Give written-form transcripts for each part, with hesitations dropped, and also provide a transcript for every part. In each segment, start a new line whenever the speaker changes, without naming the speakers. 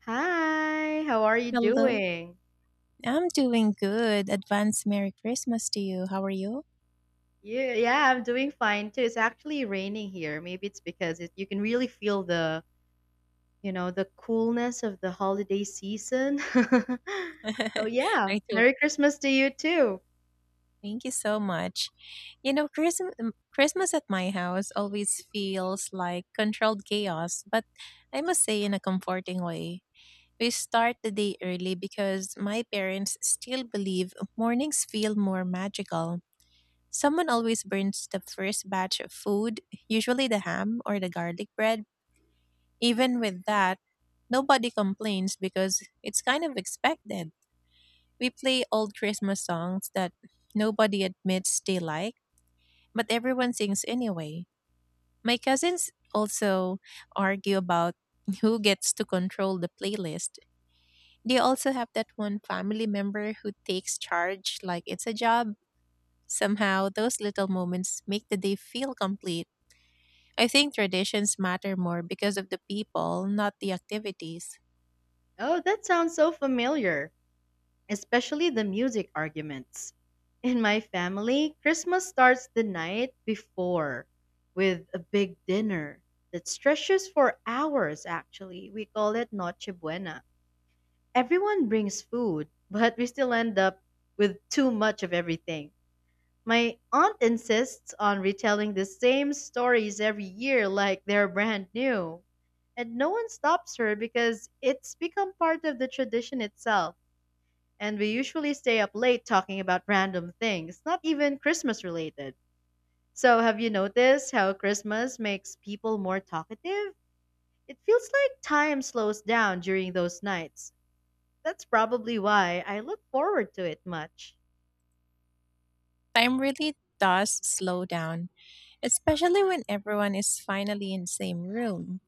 Hi, how are you
Hello.
doing?
I'm doing good. Advance Merry Christmas to you. How are you?
Yeah, yeah, I'm doing fine too. It's actually raining here. Maybe it's because you can really feel the coolness of the holiday season. So yeah,
I do.
Merry Christmas to you too.
Thank you so much. You know, Christmas at my house always feels like controlled chaos, but I must say in a comforting way. We start the day early because my parents still believe mornings feel more magical. Someone always burns the first batch of food, usually the ham or the garlic bread. Even with that, nobody complains because it's kind of expected. We play old Christmas songs that nobody admits they like, but everyone sings anyway. My cousins also argue about who gets to control the playlist. They also have that one family member who takes charge like it's a job. Somehow, those little moments make the day feel complete. I think traditions matter more because of the people, not the activities.
Oh, that sounds so familiar, especially the music arguments. In my family, Christmas starts the night before with a big dinner that stretches for hours actually. We call it Noche Buena. Everyone brings food, but we still end up with too much of everything. My aunt insists on retelling the same stories every year like they're brand new. And no one stops her because it's become part of the tradition itself. And we usually stay up late talking about random things, not even Christmas related. So, have you noticed how Christmas makes people more talkative? It feels like time slows down during those nights. That's probably why I look forward to it much.
Time really does slow down, especially when everyone is finally in same room.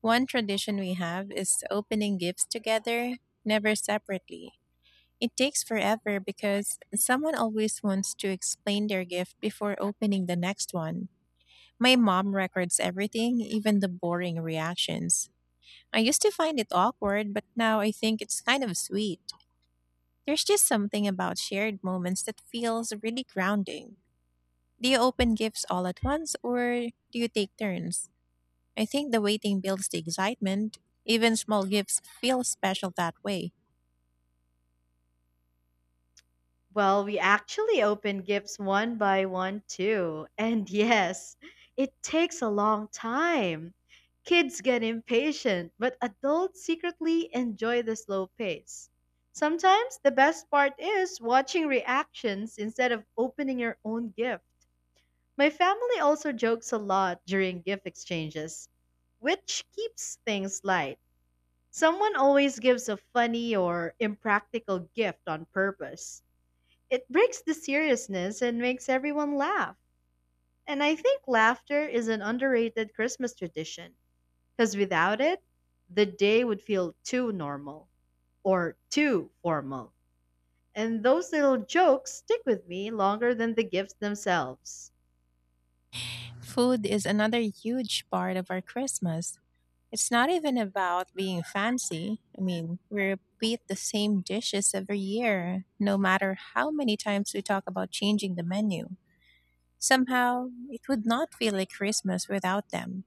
One tradition we have is opening gifts together, never separately. It takes forever because someone always wants to explain their gift before opening the next one. My mom records everything, even the boring reactions. I used to find it awkward, but now I think it's kind of sweet. There's just something about shared moments that feels really grounding. Do you open gifts all at once or do you take turns? I think the waiting builds the excitement. Even small gifts feel special that way.
Well, we actually open gifts one by one too. And yes, it takes a long time. Kids get impatient, but adults secretly enjoy the slow pace. Sometimes the best part is watching reactions instead of opening your own gift. My family also jokes a lot during gift exchanges, which keeps things light. Someone always gives a funny or impractical gift on purpose. It breaks the seriousness and makes everyone laugh. And I think laughter is an underrated Christmas tradition, because without it, the day would feel too normal or too formal. And those little jokes stick with me longer than the gifts themselves.
Food is another huge part of our Christmas. It's not even about being fancy. I mean, we repeat the same dishes every year, no matter how many times we talk about changing the menu. Somehow, it would not feel like Christmas without them.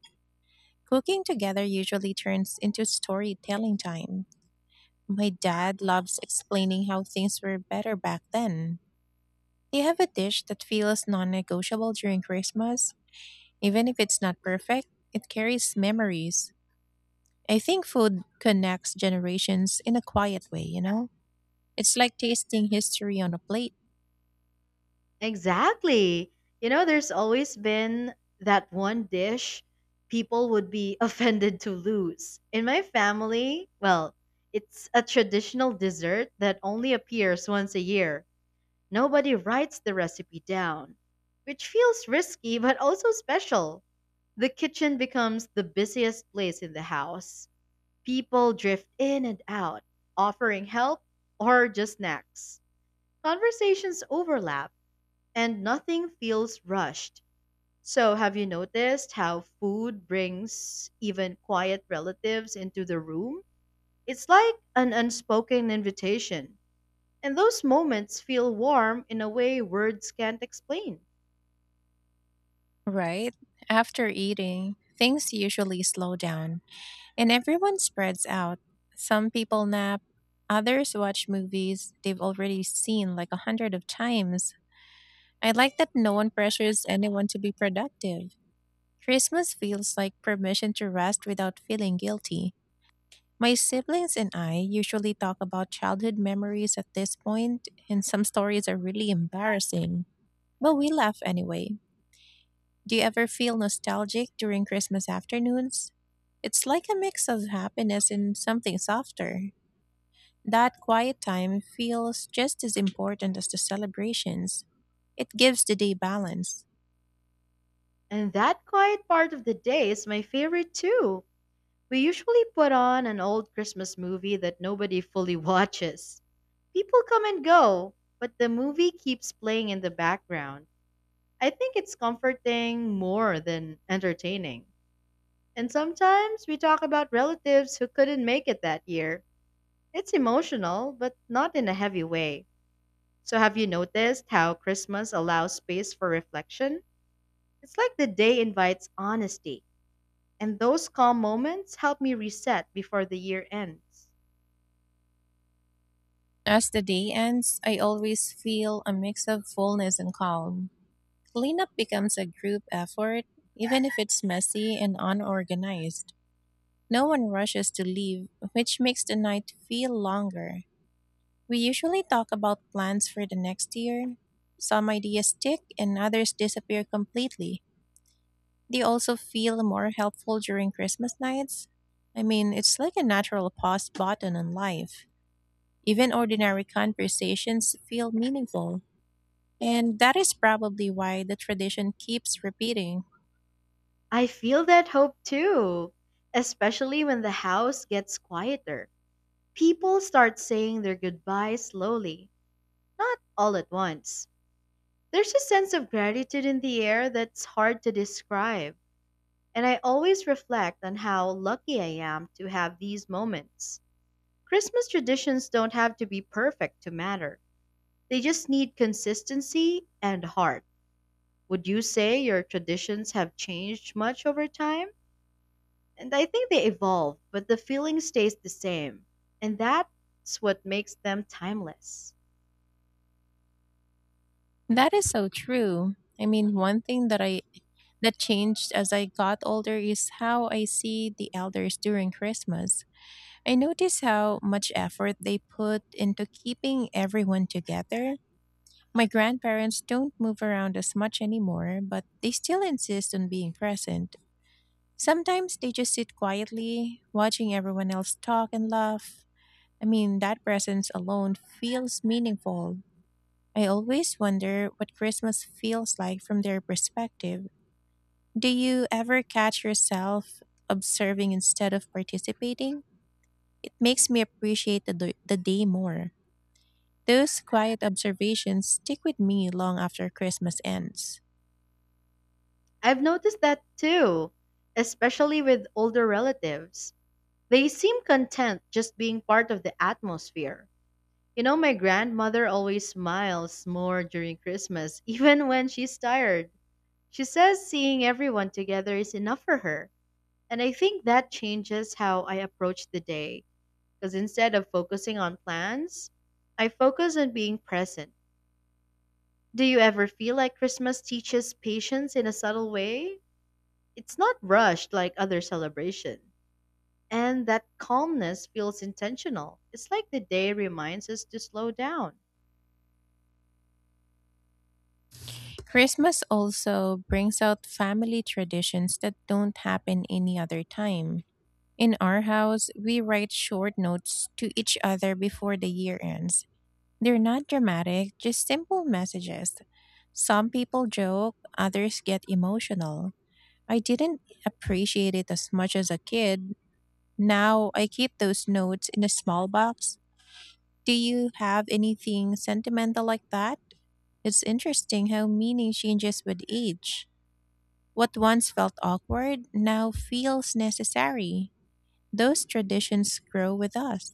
Cooking together usually turns into storytelling time. My dad loves explaining how things were better back then. They have a dish that feels non negotiable during Christmas. Even if it's not perfect, it carries memories. I think food connects generations in a quiet way, you know? It's like tasting history on a plate.
Exactly. You know, there's always been that one dish people would be offended to lose. In my family, well, it's a traditional dessert that only appears once a year. Nobody writes the recipe down, which feels risky but also special. The kitchen becomes the busiest place in the house. People drift in and out, offering help or just snacks. Conversations overlap and nothing feels rushed. So, have you noticed how food brings even quiet relatives into the room? It's like an unspoken invitation. And those moments feel warm in a way words can't explain.
Right? After eating, things usually slow down and everyone spreads out. Some people nap, others watch movies they've already seen like a hundred of times. I like that no one pressures anyone to be productive. Christmas feels like permission to rest without feeling guilty. My siblings and I usually talk about childhood memories at this point, and some stories are really embarrassing, but we laugh anyway. Do you ever feel nostalgic during Christmas afternoons? It's like a mix of happiness and something softer. That quiet time feels just as important as the celebrations. It gives the day balance.
And that quiet part of the day is my favorite too. We usually put on an old Christmas movie that nobody fully watches. People come and go, but the movie keeps playing in the background. I think it's comforting more than entertaining. And sometimes we talk about relatives who couldn't make it that year. It's emotional, but not in a heavy way. So, have you noticed how Christmas allows space for reflection? It's like the day invites honesty, and those calm moments help me reset before the year ends.
As the day ends, I always feel a mix of fullness and calm. Cleanup becomes a group effort, even if it's messy and unorganized. No one rushes to leave, which makes the night feel longer. We usually talk about plans for the next year. Some ideas stick and others disappear completely. They also feel more helpful during Christmas nights. I mean, it's like a natural pause button in life. Even ordinary conversations feel meaningful. And that is probably why the tradition keeps repeating.
I feel that hope too, especially when the house gets quieter. People start saying their goodbyes slowly, not all at once. There's a sense of gratitude in the air that's hard to describe, and I always reflect on how lucky I am to have these moments. Christmas traditions don't have to be perfect to matter, they just need consistency and heart. Would you say your traditions have changed much over time? And I think they evolve, but the feeling stays the same, and that's what makes them timeless.
That is so true. I mean, one thing that I that changed as I got older is how I see the elders during Christmas. I notice how much effort they put into keeping everyone together. My grandparents don't move around as much anymore, but they still insist on being present. Sometimes they just sit quietly, watching everyone else talk and laugh. I mean, that presence alone feels meaningful. I always wonder what Christmas feels like from their perspective. Do you ever catch yourself observing instead of participating? It makes me appreciate the day more. Those quiet observations stick with me long after Christmas ends.
I've noticed that too, especially with older relatives. They seem content just being part of the atmosphere. You know, my grandmother always smiles more during Christmas, even when she's tired. She says seeing everyone together is enough for her. And I think that changes how I approach the day, because instead of focusing on plans, I focus on being present. Do you ever feel like Christmas teaches patience in a subtle way? It's not rushed like other celebrations. And that calmness feels intentional. It's like the day reminds us to slow down.
Christmas also brings out family traditions that don't happen any other time. In our house, we write short notes to each other before the year ends. They're not dramatic, just simple messages. Some people joke, others get emotional. I didn't appreciate it as much as a kid. Now I keep those notes in a small box. Do you have anything sentimental like that? It's interesting how meaning changes with age. What once felt awkward now feels necessary. Those traditions grow with us.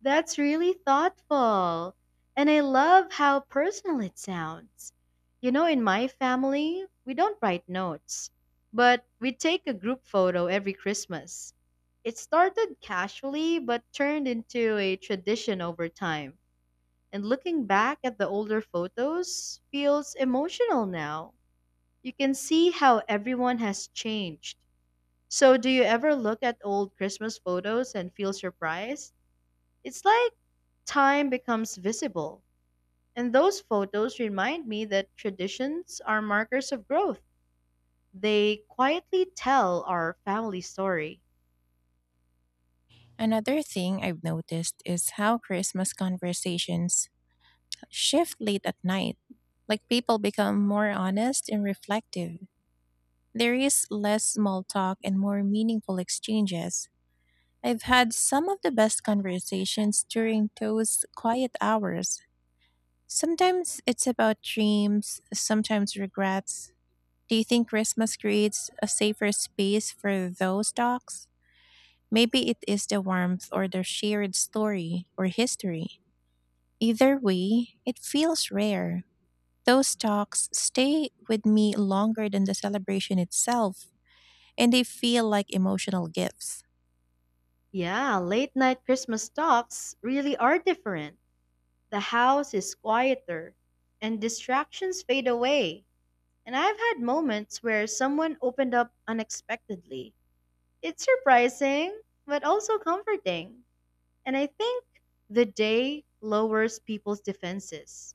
That's really thoughtful. And I love how personal it sounds. You know, in my family, we don't write notes, but we take a group photo every Christmas. It started casually, but turned into a tradition over time. And looking back at the older photos feels emotional now. You can see how everyone has changed. So, do you ever look at old Christmas photos and feel surprised? It's like time becomes visible. And those photos remind me that traditions are markers of growth. They quietly tell our family story.
Another thing I've noticed is how Christmas conversations shift late at night. Like people become more honest and reflective. There is less small talk and more meaningful exchanges. I've had some of the best conversations during those quiet hours. Sometimes it's about dreams, sometimes regrets. Do you think Christmas creates a safer space for those talks? Maybe it is the warmth or the shared story or history. Either way, it feels rare. Those talks stay with me longer than the celebration itself, and they feel like emotional gifts.
Yeah, late night Christmas talks really are different. The house is quieter, and distractions fade away. And I've had moments where someone opened up unexpectedly. It's surprising, but also comforting. And I think the day lowers people's defenses.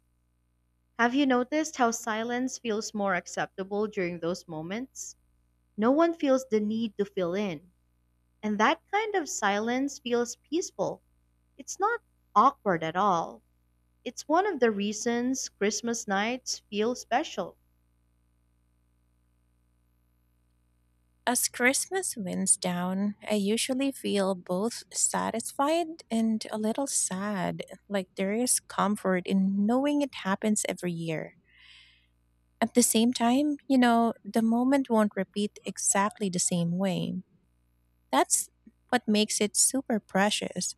Have you noticed how silence feels more acceptable during those moments? No one feels the need to fill in. And that kind of silence feels peaceful. It's not awkward at all. It's one of the reasons Christmas nights feel special.
As Christmas winds down, I usually feel both satisfied and a little sad, like there is comfort in knowing it happens every year. At the same time, you know, the moment won't repeat exactly the same way. That's what makes it super precious.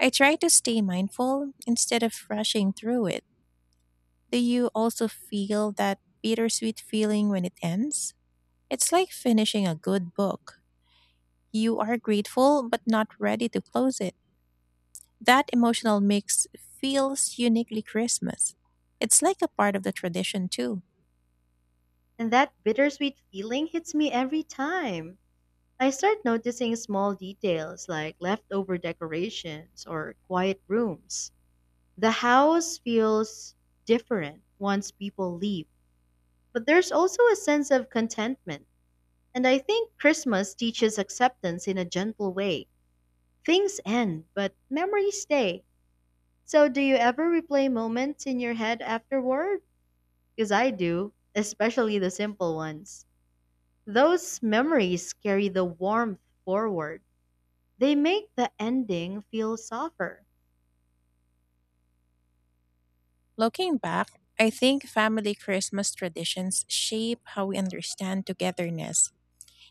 I try to stay mindful instead of rushing through it. Do you also feel that bittersweet feeling when it ends? It's like finishing a good book. You are grateful, but not ready to close it. That emotional mix feels uniquely Christmas. It's like a part of the tradition, too.
And that bittersweet feeling hits me every time. I start noticing small details like leftover decorations or quiet rooms. The house feels different once people leave, but there's also a sense of contentment. And I think Christmas teaches acceptance in a gentle way. Things end, but memories stay. So, do you ever replay moments in your head afterward? Because I do, especially the simple ones. Those memories carry the warmth forward, they make the ending feel softer.
Looking back, I think family Christmas traditions shape how we understand togetherness.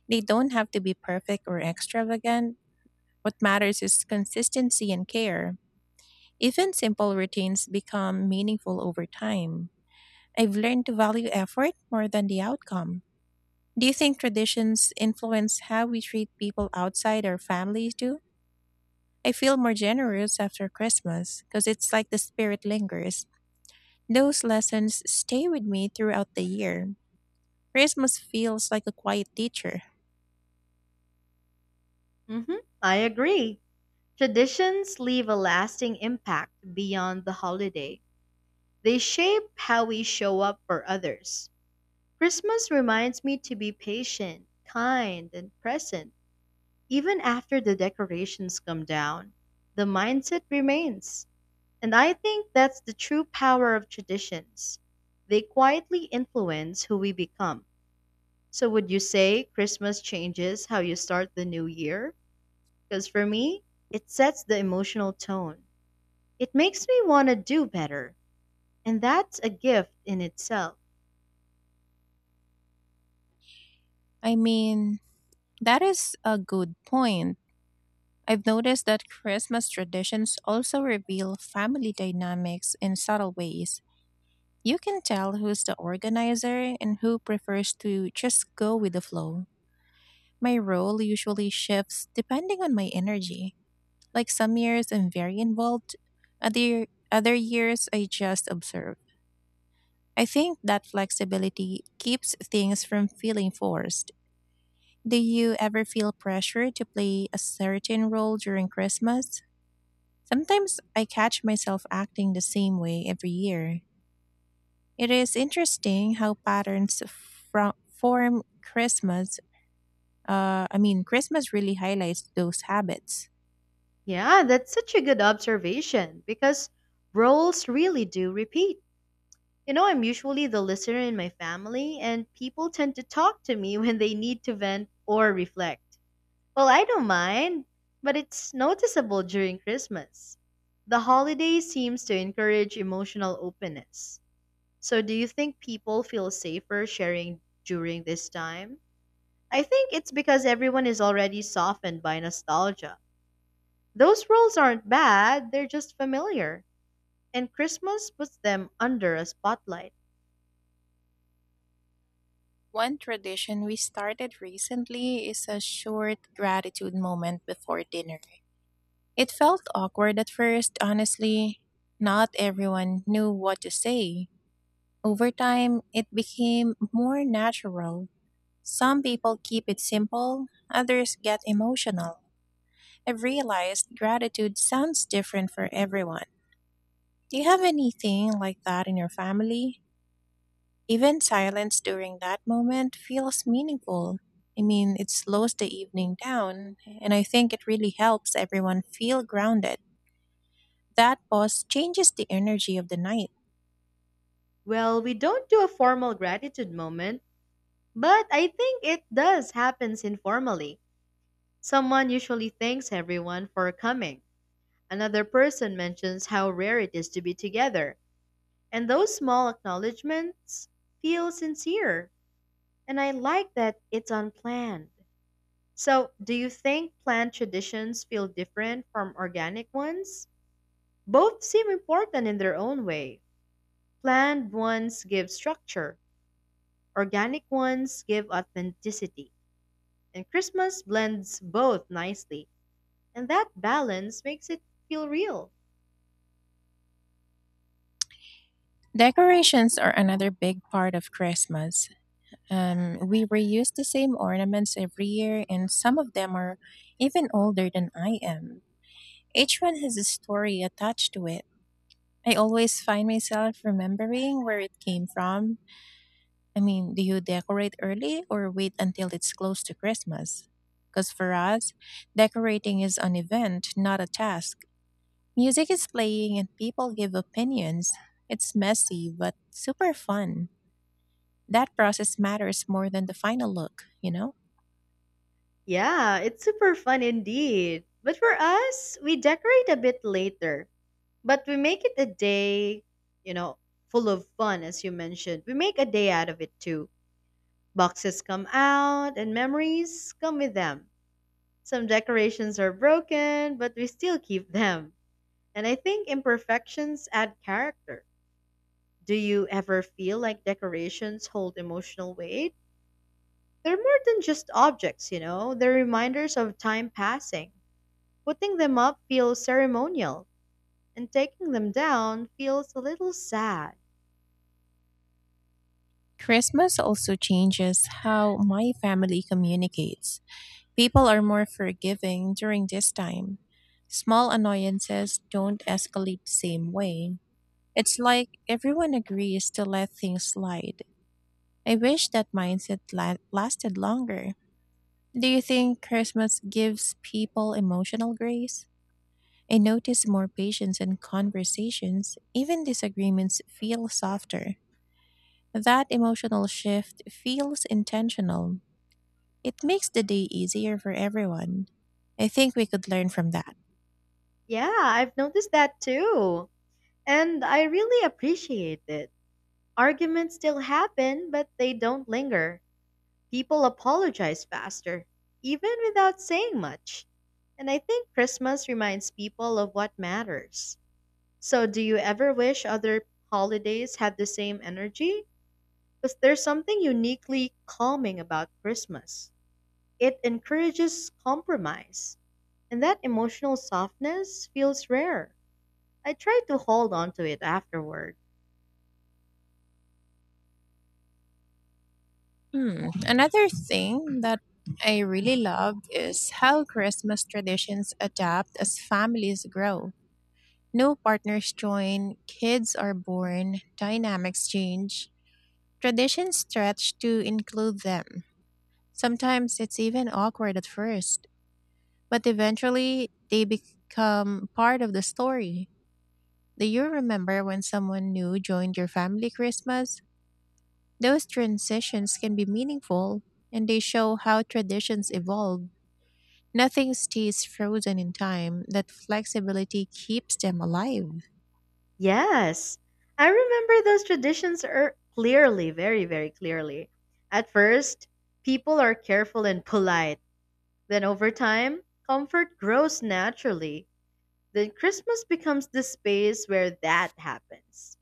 They don't have to be perfect or extravagant. What matters is consistency and care. Even simple routines become meaningful over time. I've learned to value effort more than the outcome. Do you think traditions influence how we treat people outside our families too? I feel more generous after Christmas because it's like the spirit lingers. Those lessons stay with me throughout the year. Christmas feels like a quiet teacher.
I agree. Traditions leave a lasting impact beyond the holiday. They shape how we show up for others. Christmas reminds me to be patient, kind, and present. Even after the decorations come down, the mindset remains. And I think that's the true power of traditions. They quietly influence who we become. So, would you say Christmas changes how you start the new year? Because for me, it sets the emotional tone. It makes me want to do better, and that's a gift in itself.
I mean, that is a good point. I've noticed that Christmas traditions also reveal family dynamics in subtle ways. You can tell who's the organizer and who prefers to just go with the flow. My role usually shifts depending on my energy. Like some years I'm very involved, other years I just observe. I think that flexibility keeps things from feeling forced. Do you ever feel pressure to play a certain role during Christmas? Sometimes I catch myself acting the same way every year. It is interesting how patterns from form Christmas. I mean, Christmas really highlights those habits.
Yeah, that's such a good observation because roles really do repeat. You know, I'm usually the listener in my family, and people tend to talk to me when they need to vent or reflect. Well, I don't mind, but it's noticeable during Christmas. The holiday seems to encourage emotional openness. So, do you think people feel safer sharing during this time? I think it's because everyone is already softened by nostalgia. Those roles aren't bad, they're just familiar. And Christmas puts them under a spotlight.
One tradition we started recently is a short gratitude moment before dinner. It felt awkward at first, honestly. Not everyone knew what to say. Over time, it became more natural. Some people keep it simple, others get emotional. I've realized gratitude sounds different for everyone. Do you have anything like that in your family? Even silence during that moment feels meaningful. I mean, it slows the evening down, and I think it really helps everyone feel grounded. That pause changes the energy of the night.
Well, we don't do a formal gratitude moment, but I think it does happens informally. Someone usually thanks everyone for coming. Another person mentions how rare it is to be together, and those small acknowledgments feel sincere. And I like that it's unplanned. So, do you think plant traditions feel different from organic ones? Both seem important in their own way. Plant ones give structure, organic ones give authenticity. And Christmas blends both nicely, and that balance makes it feel real.
Decorations are another big part of Christmas. We reuse the same ornaments every year, and some of them are even older than I am. Each one has a story attached to it. I always find myself remembering where it came from. I mean, do you decorate early or wait until it's close to Christmas? Because for us, decorating is an event, not a task. Music is playing and people give opinions. It's messy, but super fun. That process matters more than the final look, you know?
Yeah, it's super fun indeed. But for us, we decorate a bit later, but we make it a day, you know, full of fun, as you mentioned. We make a day out of it too. Boxes come out and memories come with them. Some decorations are broken, but we still keep them. And I think imperfections add character. Do you ever feel like decorations hold emotional weight? They're more than just objects, you know, they're reminders of time passing. Putting them up feels ceremonial, and taking them down feels a little sad.
Christmas also changes how my family communicates. People are more forgiving during this time. Small annoyances don't escalate the same way. It's like everyone agrees to let things slide. I wish that lasted longer. Do you think Christmas gives people emotional grace? I notice more patience in conversations. Even disagreements feel softer. That emotional shift feels intentional. It makes the day easier for everyone. I think we could learn from that.
Yeah, I've noticed that too. And I really appreciate it. Arguments still happen, but they don't linger. People apologize faster, even without saying much. And I think Christmas reminds people of what matters. So, do you ever wish other holidays had the same energy? Because there's something uniquely calming about Christmas. It encourages compromise, and that emotional softness feels rare. I try to hold on to it afterward.
Hmm. Another thing that I really love is how Christmas traditions adapt as families grow. New partners join, kids are born, dynamics change, traditions stretch to include them. Sometimes it's even awkward at first, but eventually they become part of the story. Do you remember when someone new joined your family Christmas? Those transitions can be meaningful and they show how traditions evolve. Nothing stays frozen in time. That flexibility keeps them alive.
Yes, I remember those traditions are clearly, very, very clearly. At first, people are careful and polite. Then, over time, comfort grows naturally. Then, Christmas becomes the space where that happens.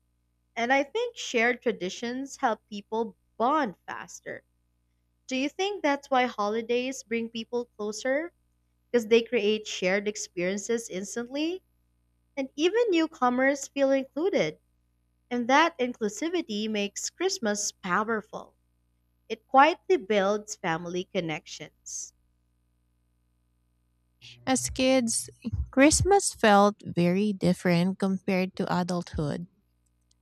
And I think shared traditions help people bond faster. Do you think that's why holidays bring people closer? Because they create shared experiences instantly, and even newcomers feel included. And that inclusivity makes Christmas powerful. It quietly builds family connections.
As kids, Christmas felt very different compared to adulthood.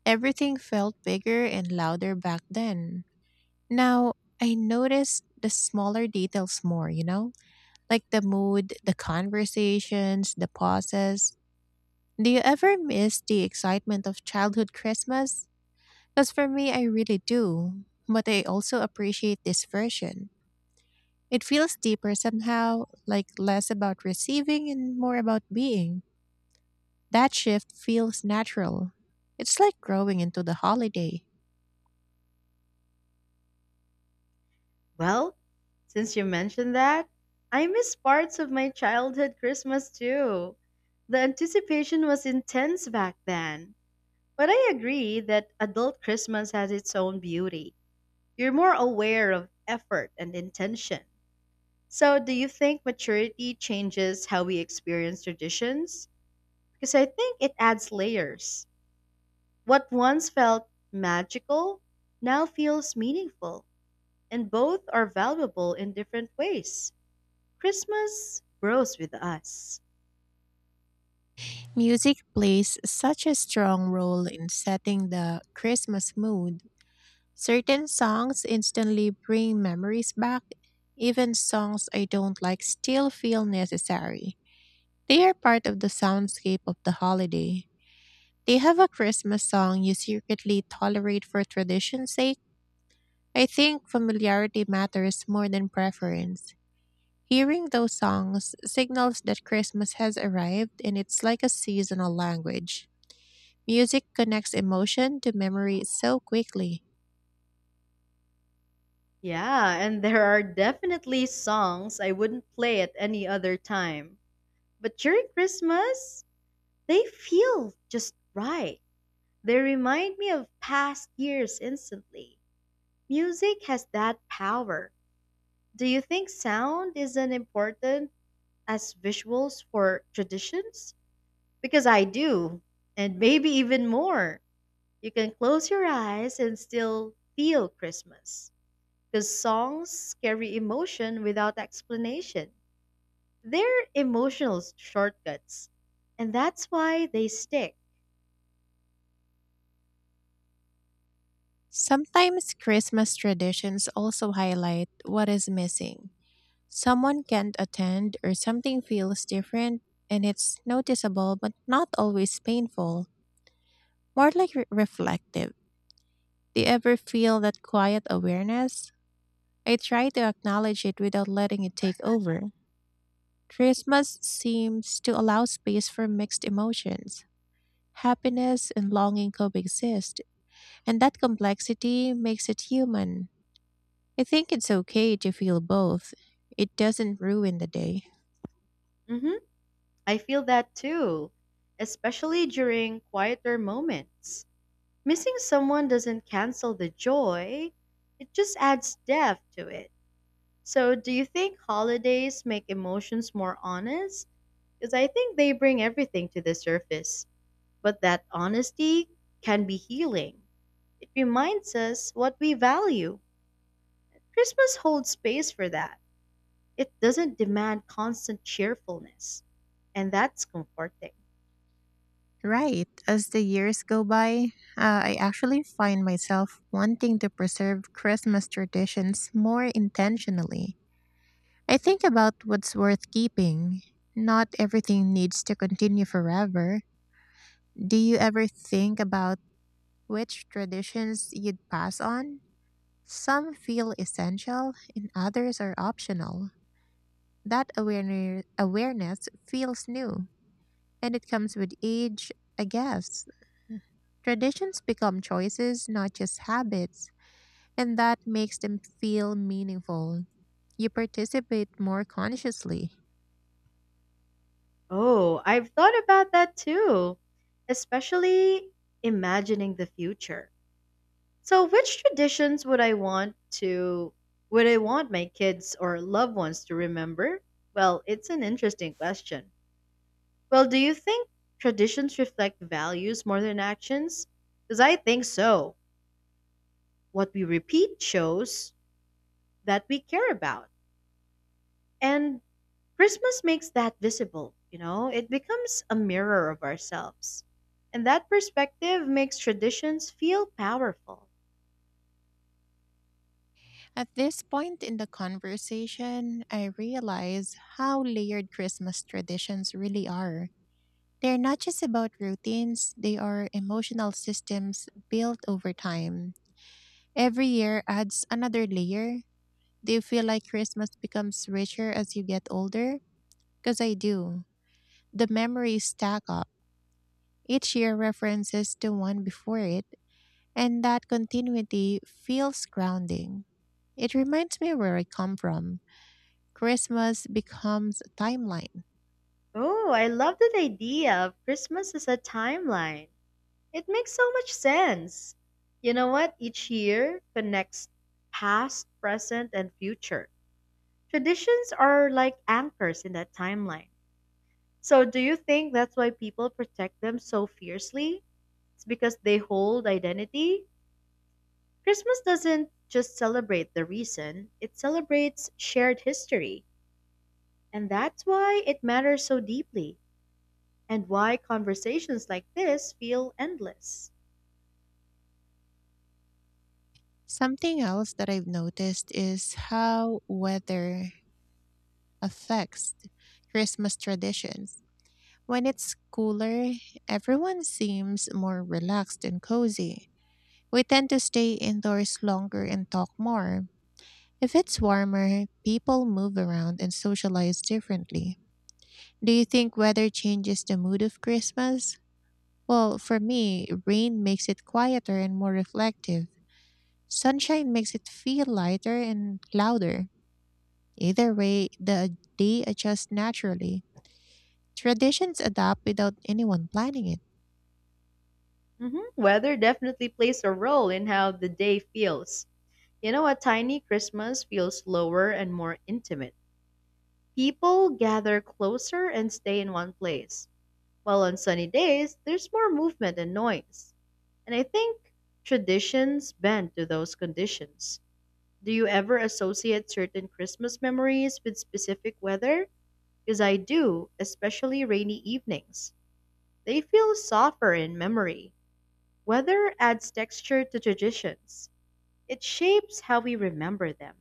Everything felt bigger and louder back then. Now, I notice the smaller details more, you know? Like the mood, the conversations, the pauses. Do you ever miss the excitement of childhood Christmas? Because for me, I really do. But I also appreciate this version. It feels deeper somehow, like less about receiving and more about being. That shift feels natural. It's like growing into the holiday.
Well, since you mentioned that, I miss parts of my childhood Christmas too. The anticipation was intense back then. But I agree that adult Christmas has its own beauty. You're more aware of effort and intention. So, do you think maturity changes how we experience traditions? Because I think it adds layers. What once felt magical now feels meaningful, and both are valuable in different ways. Christmas grows with us.
Music plays such a strong role in setting the Christmas mood. Certain songs instantly bring memories back. Even songs I don't like still feel necessary. They are part of the soundscape of the holiday. They have a Christmas song you secretly tolerate for tradition's sake. I think familiarity matters more than preference. Hearing those songs signals that Christmas has arrived and it's like a seasonal language. Music connects emotion to memory so quickly.
Yeah, and there are definitely songs I wouldn't play at any other time. But during Christmas, they feel just right. They remind me of past years instantly. Music has that power. Do you think sound is as important as visuals for traditions? Because I do, and maybe even more. You can close your eyes and still feel Christmas. Because songs carry emotion without explanation. They're emotional shortcuts, and that's why they stick.
Sometimes Christmas traditions also highlight what is missing. Someone can't attend or something feels different and it's noticeable but not always painful, more like reflective. Do you ever feel that quiet awareness? I try to acknowledge it without letting it take over. Christmas seems to allow space for mixed emotions. Happiness and longing coexist, and that complexity makes it human. I think it's okay to feel both. It doesn't ruin the day.
hmm I feel that too, especially during quieter moments. Missing someone doesn't cancel the joy, it just adds depth to it. So, do you think holidays make emotions more honest? Because I think they bring everything to the surface. But that honesty can be healing. It reminds us what we value. Christmas holds space for that. It doesn't demand constant cheerfulness, and that's comforting.
Right. As the years go by, I actually find myself wanting to preserve Christmas traditions more intentionally. I think about what's worth keeping. Not everything needs to continue forever. Do you ever think about which traditions you'd pass on? Some feel essential and others are optional. That awareness feels new and it comes with age, I guess. Traditions become choices, not just habits, and that makes them feel meaningful. You participate more consciously.
Oh, I've thought about that too, especially imagining the future. So, which traditions to would I want my kids or loved ones to remember? Well, it's an interesting question. Well, do you think traditions reflect values more than actions? Because I think so. What we repeat shows that we care about. And Christmas makes that visible, you know? It becomes a mirror of ourselves. And that perspective makes traditions feel powerful.
At this point in the conversation, I realize how layered Christmas traditions really are. They're not just about routines, they are emotional systems built over time. Every year adds another layer. Do you feel like Christmas becomes richer as you get older? Because I do. The memories stack up. Each year references the one before it, and that continuity feels grounding. It reminds me where I come from. Christmas becomes a timeline.
Oh, I love that idea of Christmas as a timeline. It makes so much sense. You know what? Each year connects past, present, and future. Traditions are like anchors in that timeline. So, do you think that's why people protect them so fiercely? It's because they hold identity? Christmas doesn't just celebrate the reason, it celebrates shared history. And that's why it matters so deeply, and why conversations like this feel endless.
Something else that I've noticed is how weather affects Christmas traditions. When it's cooler, everyone seems more relaxed and cozy. We tend to stay indoors longer and talk more. If it's warmer, people move around and socialize differently. Do you think weather changes the mood of Christmas? Well, for me, rain makes it quieter and more reflective. Sunshine makes it feel lighter and louder. Either way, the day adjusts naturally. Traditions adapt without anyone planning it.
Weather definitely plays a role in how the day feels. You know, a tiny Christmas feels slower and more intimate. People gather closer and stay in one place, while on sunny days, there's more movement and noise. And I think traditions bend to those conditions. Do you ever associate certain Christmas memories with specific weather? Because I do, especially rainy evenings. They feel softer in memory. Weather adds texture to traditions, it shapes how we remember them.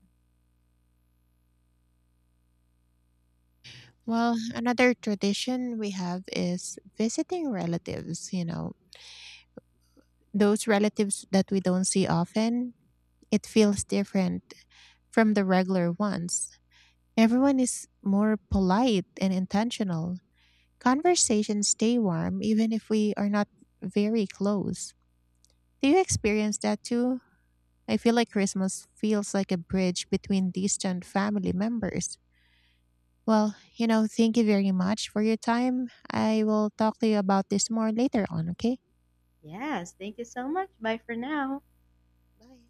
Well, another tradition we have is visiting relatives, you know, those relatives that we don't see often. It feels different from the regular ones. Everyone is more polite and intentional. Conversations stay warm even if we are not very close. Do you experience that too? I feel like Christmas feels like a bridge between distant family members. Well, you know, thank you very much for your time. I will talk to you about this more later on, okay?
Yes, thank you so much. Bye for now.
Bye.